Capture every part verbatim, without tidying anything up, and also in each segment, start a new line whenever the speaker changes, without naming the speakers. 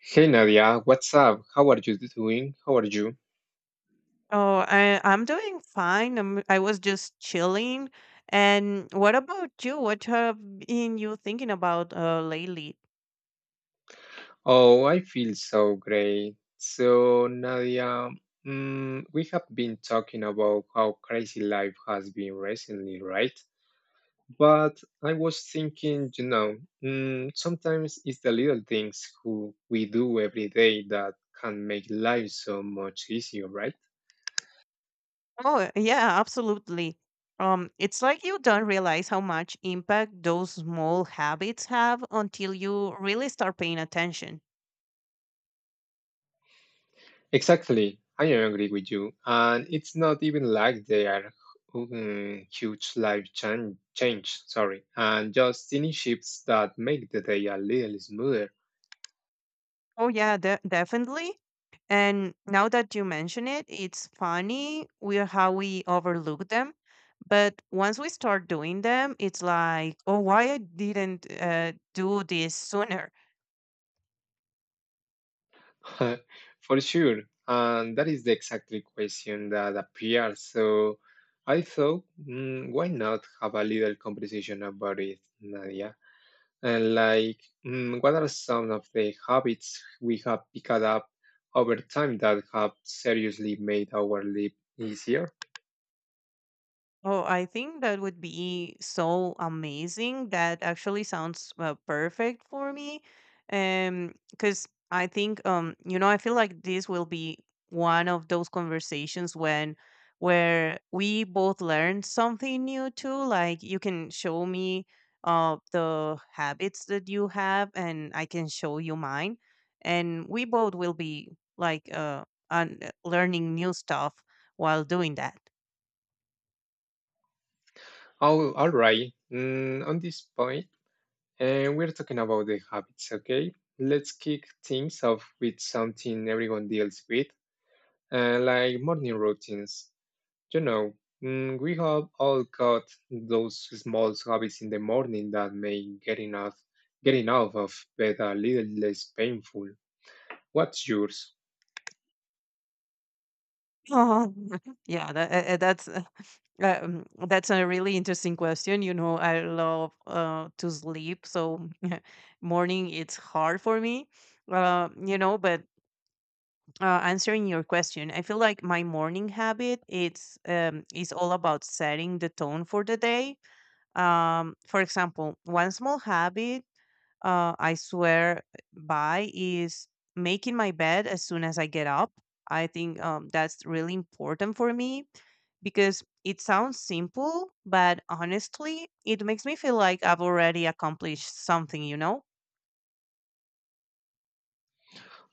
Hey Nadia, what's up? How are you doing? How are you?
Oh, I I'm doing fine. I'm, I was just chilling. And what about you? What have been you thinking about uh, lately?
Oh, I feel so great. So, Nadia, mm, we have been talking about how crazy life has been recently, right? But I was thinking, you know, mm, sometimes it's the little things who we do every day that can make life so much easier, right?
Oh, yeah, absolutely. Um, it's like you don't realize how much impact those small habits have until you really start paying attention.
Exactly. I agree with you. And it's not even like they are mm, huge life chan change, sorry, and just tiny shifts that make the day a little smoother.
Oh yeah, de- definitely. And now that you mention it, it's funny we how we overlook them. But once we start doing them, it's like, oh, why I didn't uh, do this sooner.
For sure. And that is the exactly question that appears. So I thought, mm, why not have a little conversation about it, Nadia? And like, mm, what are some of the habits we have picked up over time that have seriously made our life easier?
Oh, I think that would be so amazing. That actually sounds uh, perfect for me. Um, because I think, um, you know, I feel like this will be one of those conversations when where we both learn something new too. Like you can show me uh the habits that you have, and I can show you mine, and we both will be like uh un- learning new stuff while doing that.
Oh, all right. Mm, on this point, and we're talking about the habits, okay? Let's kick things off with something everyone deals with, uh, like morning routines. You know, mm, we have all got those small habits in the morning that make getting out, getting out of bed a little less painful. What's yours?
Oh, yeah, that, uh, uh, that's uh, um, that's a really interesting question. You know, I love uh, to sleep, so morning it's hard for me. Uh, you know, but uh, Answering your question, I feel like my morning habit it's um, is all about setting the tone for the day. Um, for example, one small habit uh, I swear by is making my bed as soon as I get up. I think um, that's really important for me because it sounds simple, but honestly, it makes me feel like I've already accomplished something, you know?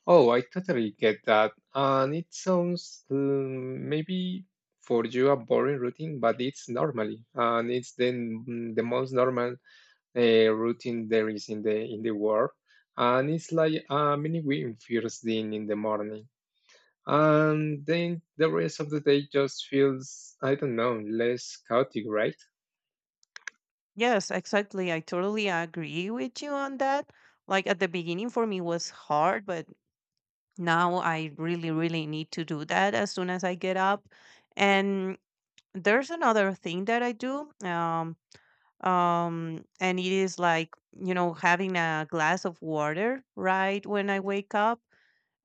Oh, I totally get that. And it sounds um, maybe for you a boring routine, but it's normally, and it's then mm, the most normal uh, routine there is in the in the world. And it's like a mini win first thing in the morning, and then the rest of the day just feels I don't know less chaotic, right?
Yes, exactly. I totally agree with you on that. Like at the beginning for me was hard, but now I really, really need to do that as soon as I get up. And there's another thing that I do. Um, um and it is like you know having a glass of water right when I wake up.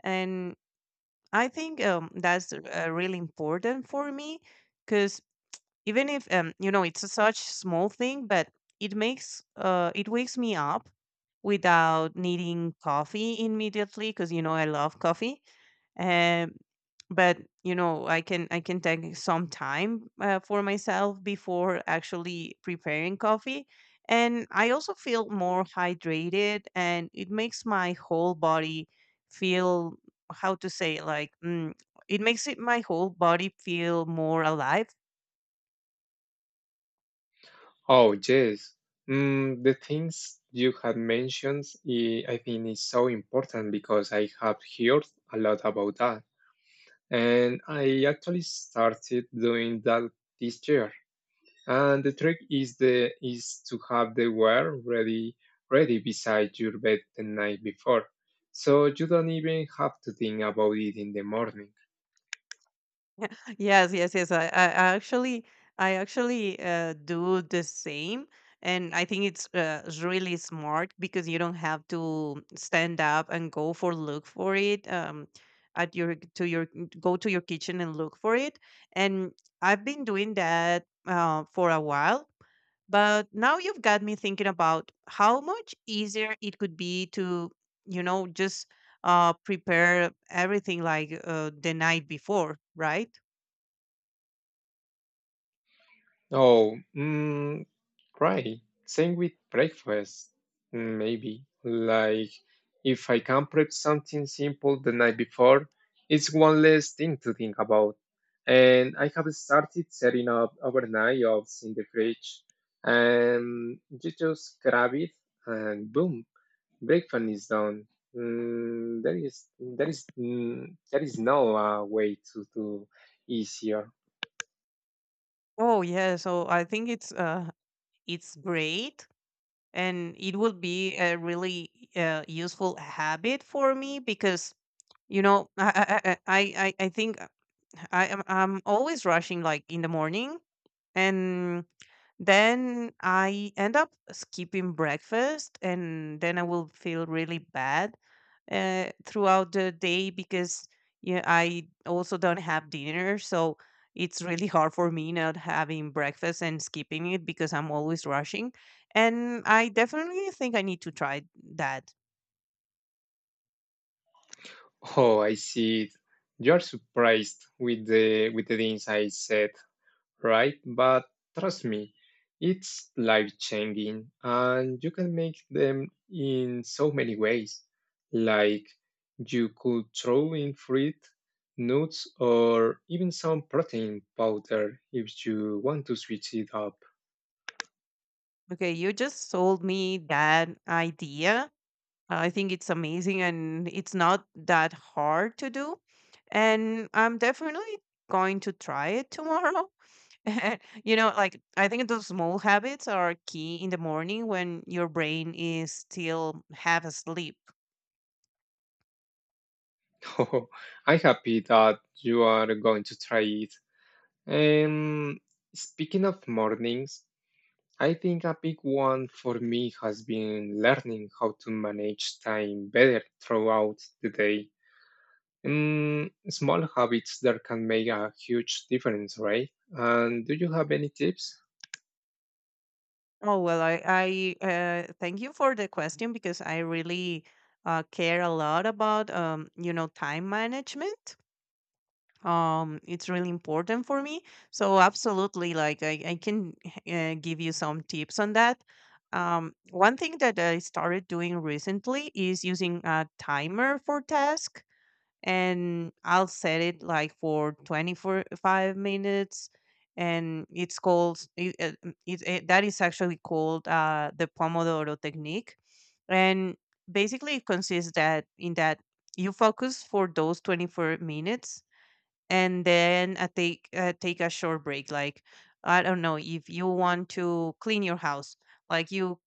And I think um that's uh, really important for me, cuz even if um you know it's a such small thing, but it makes uh it wakes me up without needing coffee immediately, cuz you know I love coffee. um, but you know I can I can take some time uh, for myself before actually preparing coffee. And I also feel more hydrated, and it makes my whole body feel how to say, like mm, it makes it my whole body feel more alive.
Oh, yes. Mm, the things you had mentioned, I, I think is so important because I have heard a lot about that. And I actually started doing that this year. And the trick is the is to have the wire ready ready beside your bed the night before. So you don't even have to think about it in the morning.
Yes, yes, yes. I, I I actually, I actually uh, do the same, and I think it's uh, it's really smart because you don't have to stand up and go for look for it. Um, at your to your Go to your kitchen and look for it. And I've been doing that uh, for a while, but now you've got me thinking about how much easier it could be to, you know, just uh, prepare everything like uh, the night before, right?
Oh, mm, right. Same with breakfast, mm, maybe. Like, if I can prep something simple the night before, it's one less thing to think about. And I have started setting up overnight oats in the fridge, and you just grab it, and boom, breakfast is done. Mm, there is there is mm, there is no uh, way to do easier.
Oh yeah, so I think it's uh it's great, and it will be a really uh, useful habit for me because you know I I I I I think I am I'm always rushing like in the morning, and then I end up skipping breakfast, and then I will feel really bad uh, throughout the day because yeah, I also don't have dinner, so it's really hard for me not having breakfast and skipping it because I'm always rushing. And I definitely think I need to try that.
Oh, I see it. You're surprised with the with the things I said, right? But trust me, it's life-changing and you can make them in so many ways. Like you could throw in fruit, nuts, or even some protein powder if you want to switch it up.
Okay, you just sold me that idea. I think it's amazing, and it's not that hard to do. And I'm definitely going to try it tomorrow. And, you know, like I think those small habits are key in the morning when your brain is still half asleep.
Oh, I'm happy that you are going to try it. Um, speaking of mornings, I think a big one for me has been learning how to manage time better throughout the day. Mm, small habits that can make a huge difference, right? And do you have any tips?
Oh, well, I, I uh, thank you for the question, because I really uh, care a lot about, um, you know, time management. Um it's really important for me, so absolutely, like i, I can uh, give you some tips on that. Um one thing that I started doing recently is using a timer for task, and I'll set it like for twenty-five minutes. And it's called it, uh, mm, it, it, that is actually called uh the Pomodoro technique. And basically it consists that in that you focus for those twenty-four minutes, and then uh, take uh, take a short break. Like, I don't know, if you want to clean your house, like you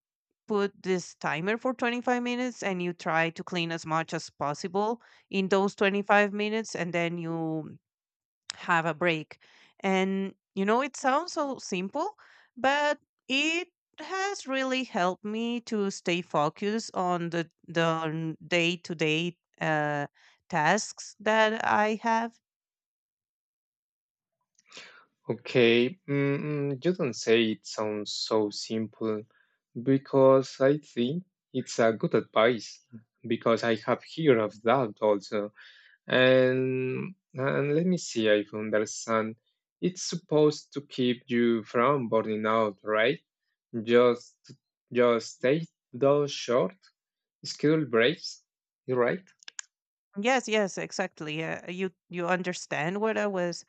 put this timer for twenty-five minutes and you try to clean as much as possible in those twenty-five minutes, and then you have a break. And you know it sounds so simple, but it has really helped me to stay focused on the the day to day tasks that I have.
Okay, mm, you don't say it sounds so simple because I think it's a good advice because I have heard of that also. And and let me see if I understand. It's supposed to keep you from burning out, right? Just just take those short schedule breaks, right?
Yes, yes, exactly. Yeah, Uh, you you understand what I was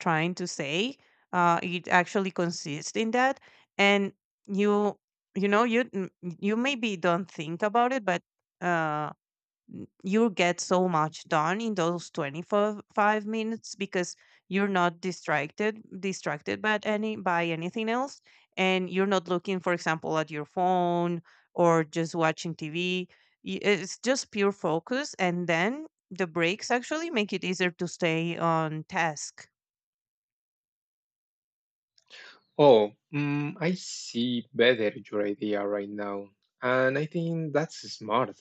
trying to say. Uh, it actually consists in that, and you you know you n- you maybe don't think about it, but uh, n- you'll get so much done in those twenty-five minutes because you're not distracted distracted by any by anything else, and you're not looking for example at your phone or just watching tv. Y- it's just pure focus, and then the breaks actually make it easier to stay on task.
Oh, mm, I see better your idea right now, and I think that's smart.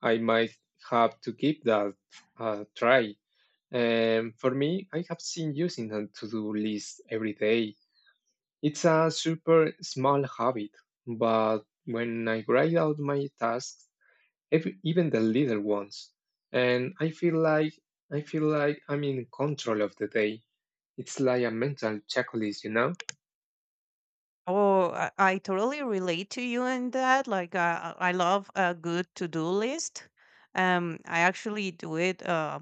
I might have to give that a try. Um, for me, I have seen using a to-do list every day. It's a super small habit, but when I write out my tasks, ev- even the little ones, and I feel like I feel like I'm in control of the day. It's like a mental checklist, you know?
oh i, I totally relate to you in that. Like uh, I love a good to-do list. um I actually do it uh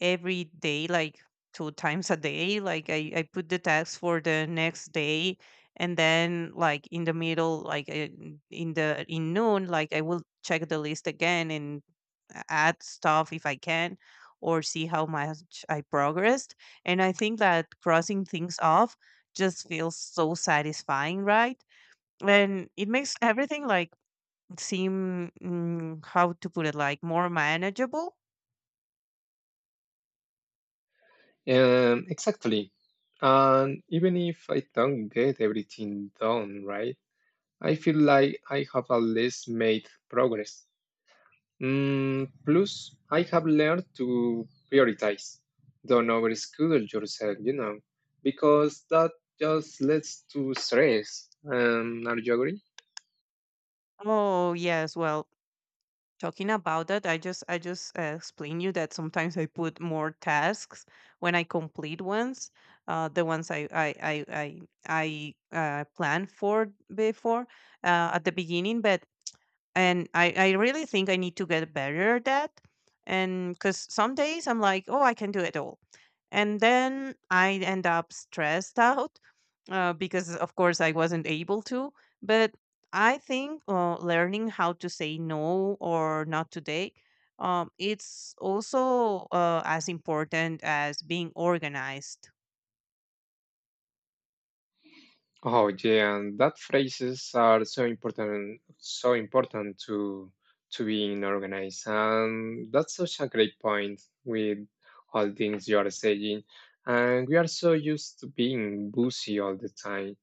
every day, like two times a day. Like I, I put the task for the next day, and then like in the middle, like uh, in the in noon, like I will check the list again, and a- add stuff if I can, or see how much I progressed. And I think that crossing things off just feels so satisfying, right? And it makes everything like seem, mm, how to put it, like more manageable.
Um, exactly. And even if I don't get everything done right, I feel like I have at least made progress. Mm, plus, I have learned to prioritize. Don't overschedule yourself, you know, because that just leads to stress. Um, are you agree?
Oh yes, well, talking about that, i just I just uh, explain you that sometimes I put more tasks when I complete ones, uh, the ones i i i i, I uh, planned for before uh, at the beginning. But and I I really think I need to get better at that, and because some days I'm like, oh, I can do it all, and then I end up stressed out uh, because of course I wasn't able to. But I think uh, learning how to say no or not today, um, it's also uh, as important as being organized.
Oh yeah, and that phrases are so important, so important to to being organized, and that's such a great point with all things you are saying. And we are so used to being busy all the time.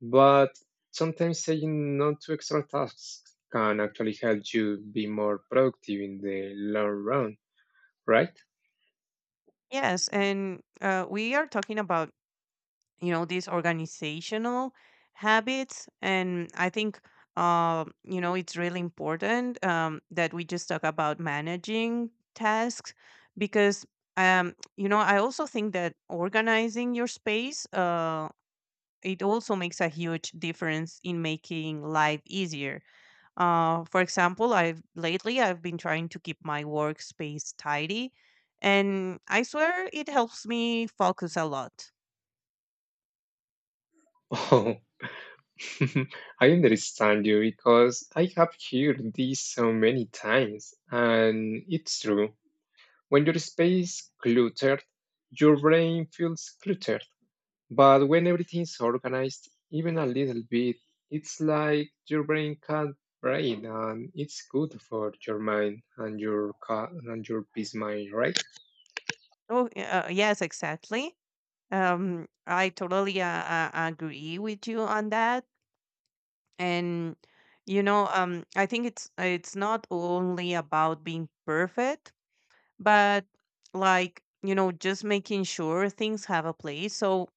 But sometimes saying no to extra tasks can actually help you be more productive in the long run, right?
Yes, and uh, we are talking about you know these organizational habits, and I think uh, you know it's really important, um, that we just talk about managing tasks. Because um, you know I also think that organizing your space uh, it also makes a huge difference in making life easier. Uh, for example, I've lately I've been trying to keep my workspace tidy, and I swear it helps me focus a lot.
Oh, I understand you because I have heard this so many times, and it's true. When your space cluttered, your brain feels cluttered. But when everything's organized, even a little bit, it's like your brain can't brain, and it's good for your mind and your ca- and your peace mind, right?
Oh, y- uh, yes, exactly. Um, I totally uh, uh, agree with you on that. And you know, um, I think it's it's not only about being perfect, but like you know, just making sure things have a place. So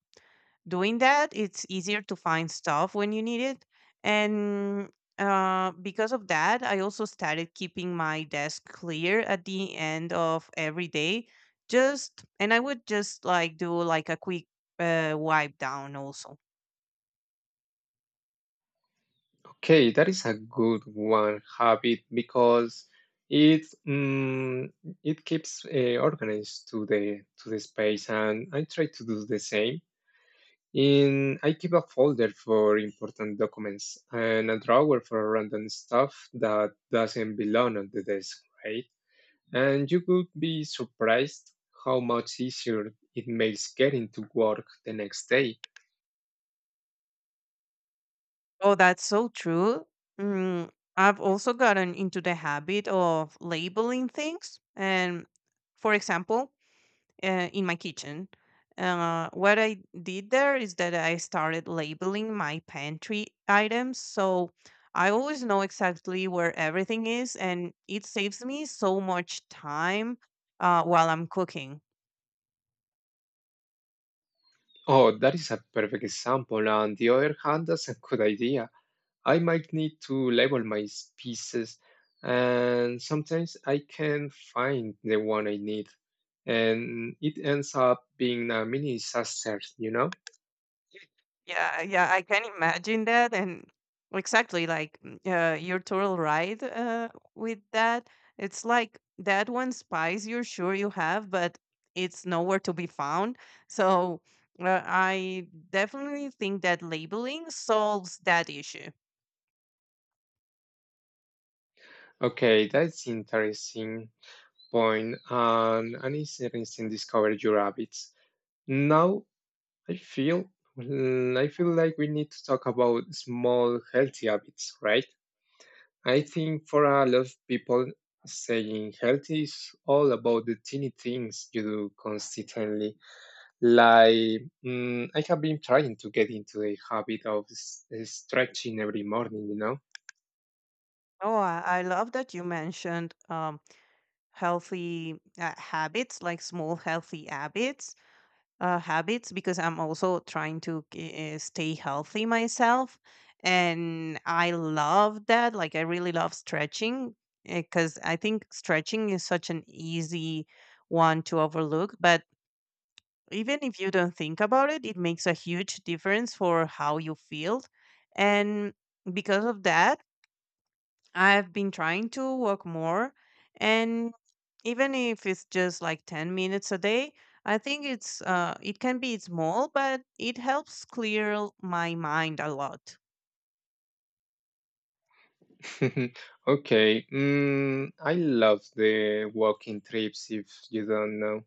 doing that it's easier to find stuff when you need it. And uh, because of that, I also started keeping my desk clear at the end of every day. Just and I would just like do like a quick uh, wipe down also.
Okay, that is a good one habit because it mm, it keeps uh, organized to the to the space, and I try to do the same. In I keep a folder for important documents and a drawer for random stuff that doesn't belong on the desk, right? And you would be surprised how much easier it makes getting to work the next day.
Oh, that's so true. mm, I've also gotten into the habit of labeling things. And for example, uh, in my kitchen. Uh, what I did there is that I started labeling my pantry items. So I always know exactly where everything is, and it saves me so much time uh, while I'm cooking.
Oh, that is a perfect example. On the other hand, that's a good idea. I might need to label my s- pieces, and sometimes I can't find the one I need. And it ends up being a mini disaster, you know?
Yeah, yeah, I can imagine that, and exactly, like mm, uh, you're total right uh, with that. It's like that one spice you're sure you have, but it's nowhere to be found. So uh, I definitely think that labeling solves that issue.
Okay, that's interesting point and an interesting discovered your habits. Now I feel mm, I feel like we need to talk about small healthy habits, right? I think for a lot of people saying healthy is all about the teeny things you do consistently. Like mm, I have been trying to get into the habit of s- stretching every morning, you know.
Oh, I, I love that you mentioned um, healthy uh, habits, like small healthy habits. Uh, habits, because I'm also trying to uh, stay healthy myself. And I love that. Like, I really love stretching, because I think stretching is such an easy one to overlook. But even if you don't think about it, it makes a huge difference for how you feel. And because of that, I've been trying to walk more. And even if it's just like ten minutes a day, I think it's uh it can be small, but it helps clear l- my mind a lot.
Okay, mm, I love the walking trips if you don't know.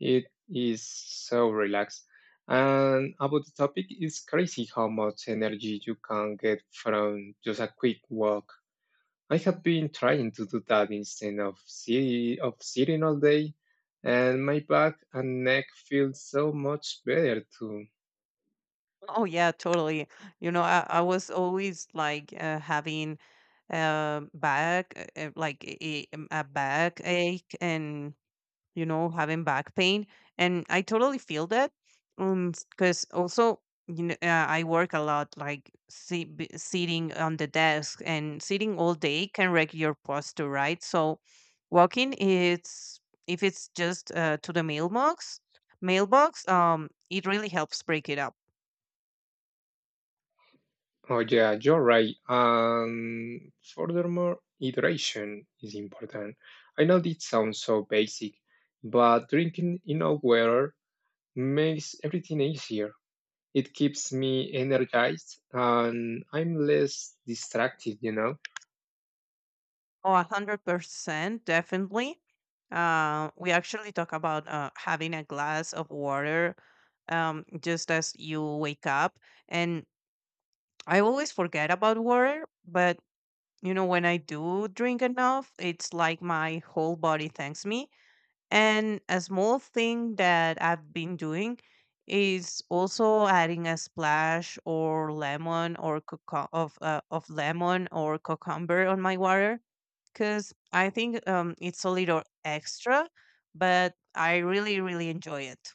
It is so relaxed. And about the topic, it's crazy how much energy you can get from just a quick walk. I have been trying to do that instead of si- of sitting all day, and my back and neck feel so much better too.
Oh yeah, totally. You know, I, I was always like uh, having uh, back uh, uh, like a, a back ache, and you know, having back pain. And I totally feel that. Um, because also, you know, uh, I work a lot, like si- b- sitting on the desk and sitting all day can wreck your posture, right? So, walking is if it's just uh, to the mailbox, mailbox, um, it really helps break it up.
Oh yeah, you're right. And furthermore, hydration is important. I know it sounds so basic, but drinking enough water makes everything easier. It keeps me energized and I'm less distracted, you know.
Oh, a hundred percent, definitely. Uh, we actually talk about uh, having a glass of water um, just as you wake up. And. I always forget about water, but you know, when I do drink enough, it's like my whole body thanks me. And a small thing that I've been doing is also adding a splash or lemon or cucum- of uh, of lemon or cucumber on my water because I think um, it's a little extra, but I really, really enjoy it.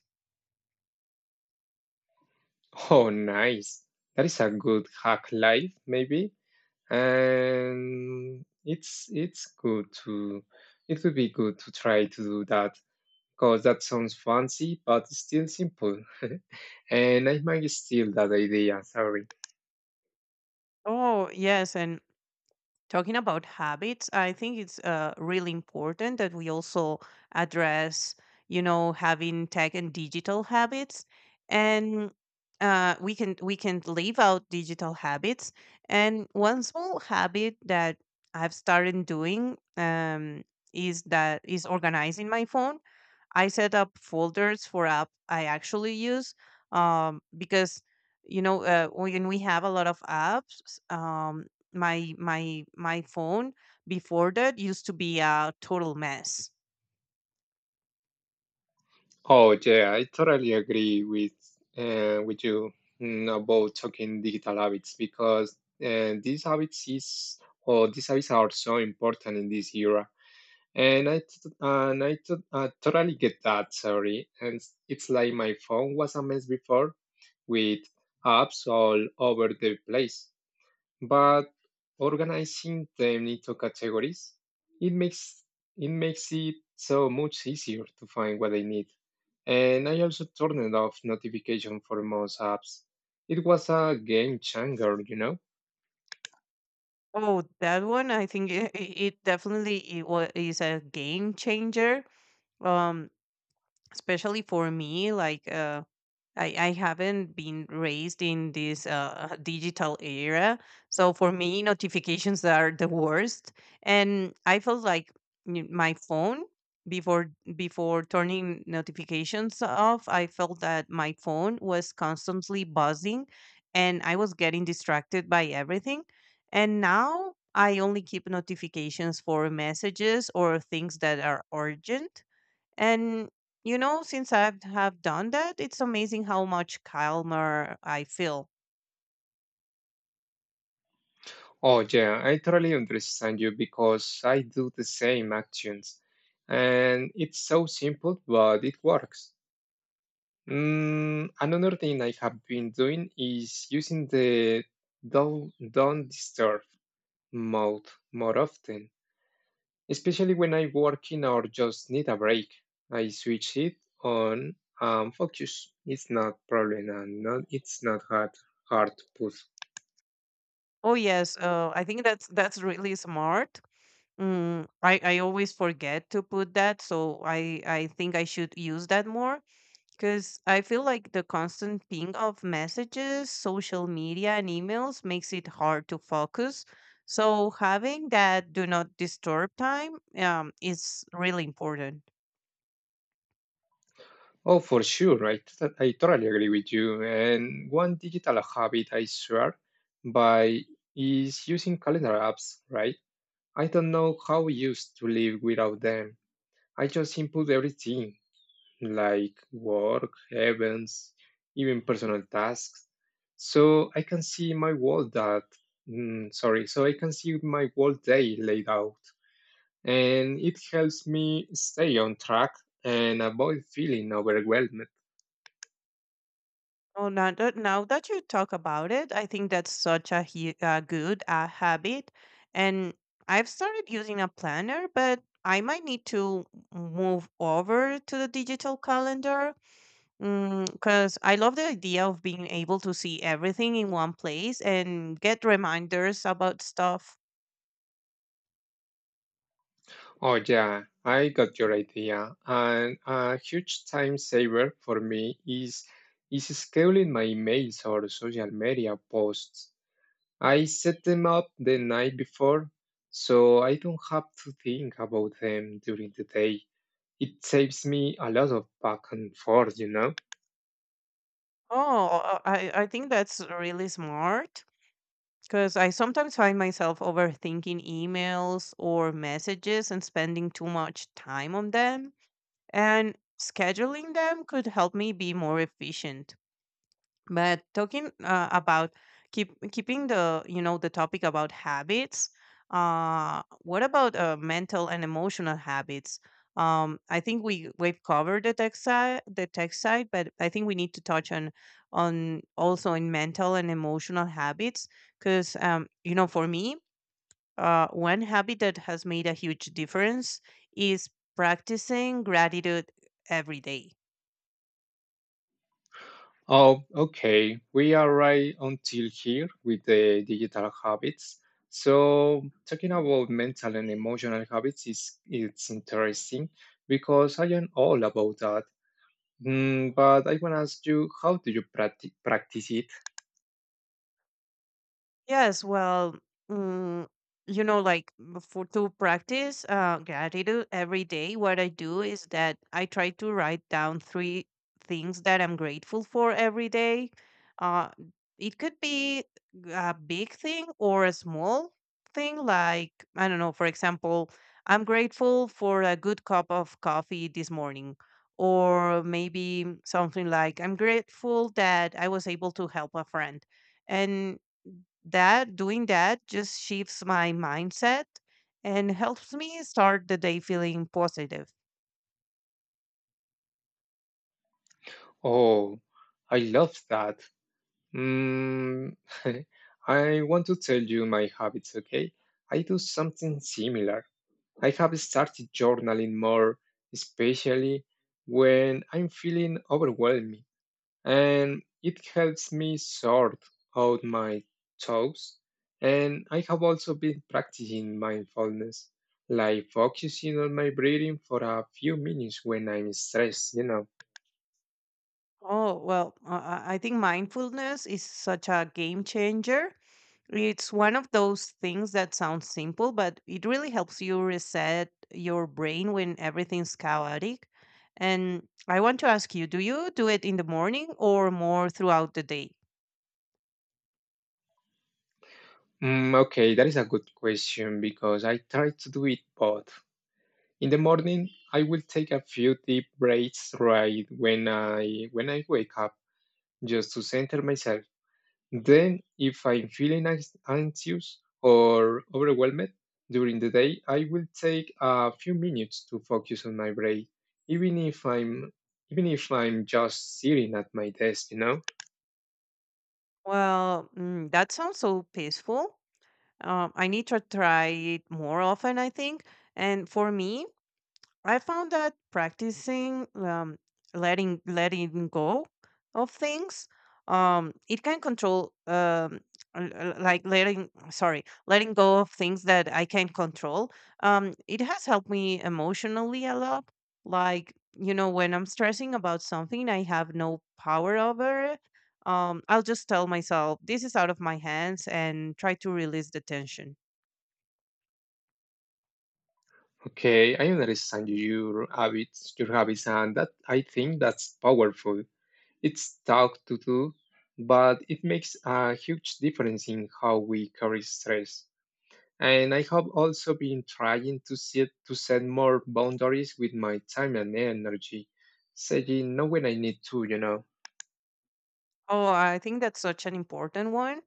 Oh, nice. That is a good hack life, maybe. And it's it's good to it would be good to try to do that because that sounds fancy but still simple. and I might steal that idea, sorry.
Oh, yes. And talking about habits, I think it's uh, really important that we also address, you know, having tech and digital habits, and uh, we can we can leave out digital habits. And one small habit that I've started doing um, is that is organizing my phone. I set up folders for app I actually use um, because you know uh, when we have a lot of apps, um, my my my phone before that used to be a total mess.
Oh yeah, I totally agree with uh, with you mm, about talking digital habits because uh, these habits is or these habits are so important in this era. And I t- and I t- uh, totally get that. Sorry, and it's like my phone was a mess before with apps all over the place. But organizing them into categories, it makes it makes it so much easier to find what I need. And I also turned off notification for most apps. It was a game changer, you know?
Oh, that one I think it, it definitely it was, is a game changer, um, especially for me. Like. Uh, I, I haven't been raised in this uh, digital era. So for me, notifications are the worst. And I felt like n- my phone before before turning notifications off, I felt that my phone was constantly buzzing and I was getting distracted by everything. And now I only keep notifications for messages or things that are urgent, and you know, since I've have done that, it's amazing how much calmer I feel.
Oh yeah, I totally understand you because I do the same actions. And it's so simple, but it works. Mm, another thing I have been doing is using the don't, don't disturb mode more often, especially when I'm working or just need a break. I switch it on and focus. It's not problem and not it's not hard hard to put.
Oh yes, uh, I think that's that's really smart. Mm, I I always forget to put that, so I I think I should use that more because I feel like the constant ping of messages, social media, and emails makes it hard to focus. So having that do not disturb time um, is really important.
Oh, for sure, I, t- I totally agree with you. And one digital habit I swear by is using calendar apps, right? I don't know how we used to live without them. I just input everything. Like work, events, even personal tasks. So I can see my whole that mm, sorry, so I can see my whole day laid out, and it helps me stay on track and avoid feeling overwhelmed.
Oh, now that, now that you talk about it, I think that's such a hu- uh, good uh, habit. And I've started using a planner, but I might need to move over to the digital calendar because I love the idea of being able to see everything in one place and get reminders about stuff.
Oh yeah, I got your idea. And a huge time saver for me is is scheduling my emails or social media posts. I set them up the night before, so I don't have to think about them during the day. It saves me a lot of back and forth, you know?
Oh, I, I think that's really smart. Because I sometimes find myself overthinking emails or messages and spending too much time on them. And scheduling them could help me be more efficient, but talking uh, about keep keeping the you know the topic about habits, uh what about uh, mental and emotional habits. um I think we we've covered the tech side the tech side but I think we need to touch on on also in mental and emotional habits because um you know, for me, uh one habit that has made a huge difference is practicing gratitude every day.
Oh, okay, we are right until here with the digital habits. So, talking about mental and emotional habits is it's interesting because I am all about that. Mm, but I want to ask you, how do you practi- practice it?
Yes, well, mm, you know, like m- for to practice uh, gratitude every day, what I do is that I try to write down three things that I'm grateful for every day. Uh, it could be a big thing or a small thing, like, I don't know, for example, I'm grateful for a good cup of coffee this morning. Or maybe something like, I'm grateful that I was able to help a friend. And that doing that just shifts my mindset and helps me start the day feeling positive.
Oh, I love that. Mm, I want to tell you my habits, okay? I do something similar. I have started journaling more, especially when I'm feeling overwhelmed, and it helps me sort out my thoughts. And I have also been practicing mindfulness, like focusing on my breathing for a few minutes when I'm stressed, you know.
Oh, well, uh, I I think mindfulness is such a game changer. It's one of those things that sounds simple, but it really helps you reset your brain when everything's chaotic. And I want to ask you, do you do it in the morning or more throughout the day?
Mm, okay, that is a good question because I try to do it both. In the morning, I will take a few deep breaths right when I when I wake up just to center myself. Then, if I'm feeling anx- anxious or overwhelmed during the day, I will take a few minutes to focus on my breath, even if I'm even if I'm just sitting at my desk, you know?
Well, mm, that sounds so peaceful. Um, I need to try it more often, I think. And for me, I found that practicing um, letting letting go of things, um, it can control um, l- l- like letting, sorry, letting go of things that I can control. Um, it has helped me emotionally a lot. Like you know, when I'm stressing about something I have no power over it, um, I'll just tell myself this is out of my hands and try to release the tension.
Okay, I understand your habits, your habits, and that I think that's powerful. It's tough to do, but it makes a huge difference in how we carry stress. And I have also been trying to set to set more boundaries with my time and energy, saying no when I need to, you know.
Oh, I think that's such an important one.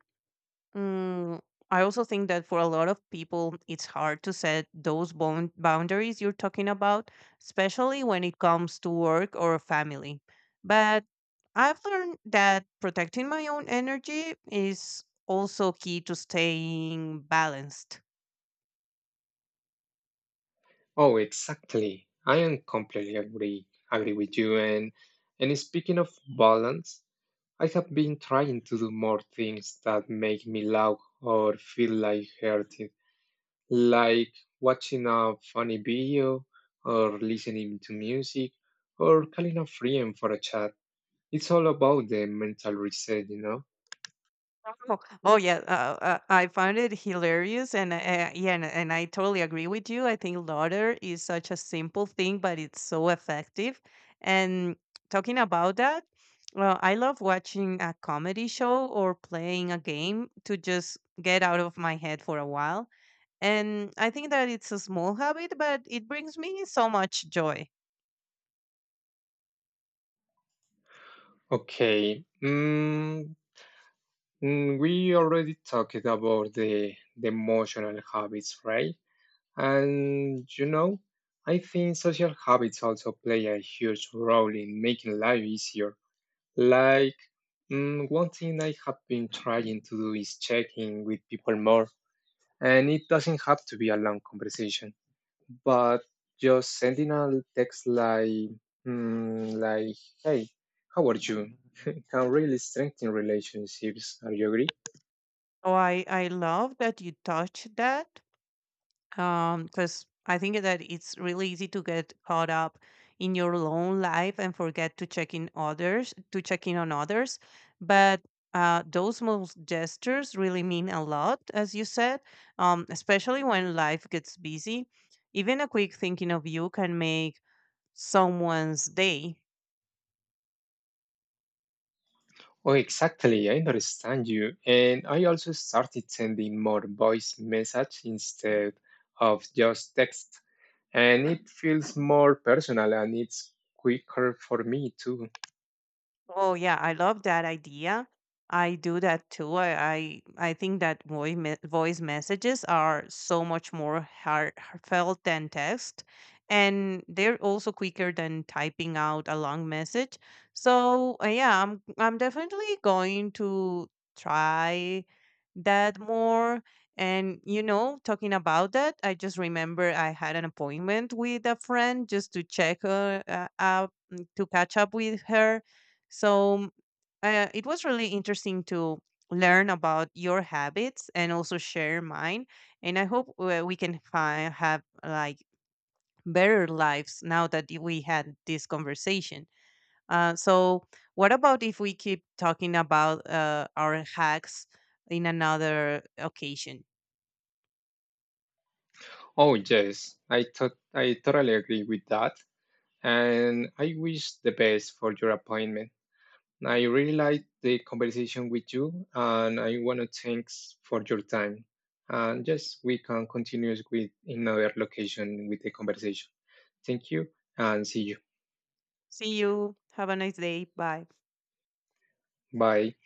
Mm, I also think that for a lot of people, it's hard to set those bound boundaries you're talking about, especially when it comes to work or family. But I've learned that protecting my own energy is also key to staying balanced.
Oh, exactly. I am completely agree agree with you. And and speaking of balance, I have been trying to do more things that make me laugh or feel like heart like watching a funny video or listening to music or calling a friend for a chat. It's all about the mental reset, you know?
Oh, oh yeah, uh, uh, I found it hilarious, and uh, yeah, and, and I totally agree with you. I think laughter is such a simple thing, but it's so effective. And talking about that, well, I love watching a comedy show or playing a game to just get out of my head for a while. And I think that it's a small habit, but it brings me so much joy.
Okay. Mm, mm, we already talked about the, the emotional habits, right? And you know, I think social habits also play a huge role in making life easier. Like, mm, one thing I have been trying to do is checking with people more. And it doesn't have to be a long conversation, but just sending a text like, mm, like, hey, how are you? Can really strengthen relationships. Are you agree?
Oh, I I love that you touched that because I think that it's really easy to get caught up in your own life and forget to check in others, to check in on others. But uh, those small gestures really mean a lot, as you said, um, especially when life gets busy. Even a quick thinking of you can make someone's day.
Oh, exactly. I understand you. And I also started sending more voice message instead of just text. And it feels more personal and it's quicker for me too.
Oh yeah, I love that idea. I do that too. I I, I think that voice me- voice messages are so much more heart- heartfelt than text, and they're also quicker than typing out a long message. So uh, yeah, I'm I'm definitely going to try that more. And you know, talking about that, I just remember I had an appointment with a friend just to check uh, uh, up to catch up with her, so uh, it was really interesting to learn about your habits and also share mine. And I hope uh, we can fi- have like better lives now that y- we had this conversation. Uh, so, what about if we keep talking about uh, our hacks in another occasion?
Oh, yes. I thought I totally agree with that. And I wish the best for your appointment. I really liked the conversation with you, and I want to thanks for your time. And yes, we can continue with another location with the conversation. Thank you, and see you.
See you. Have a nice day. Bye.
Bye.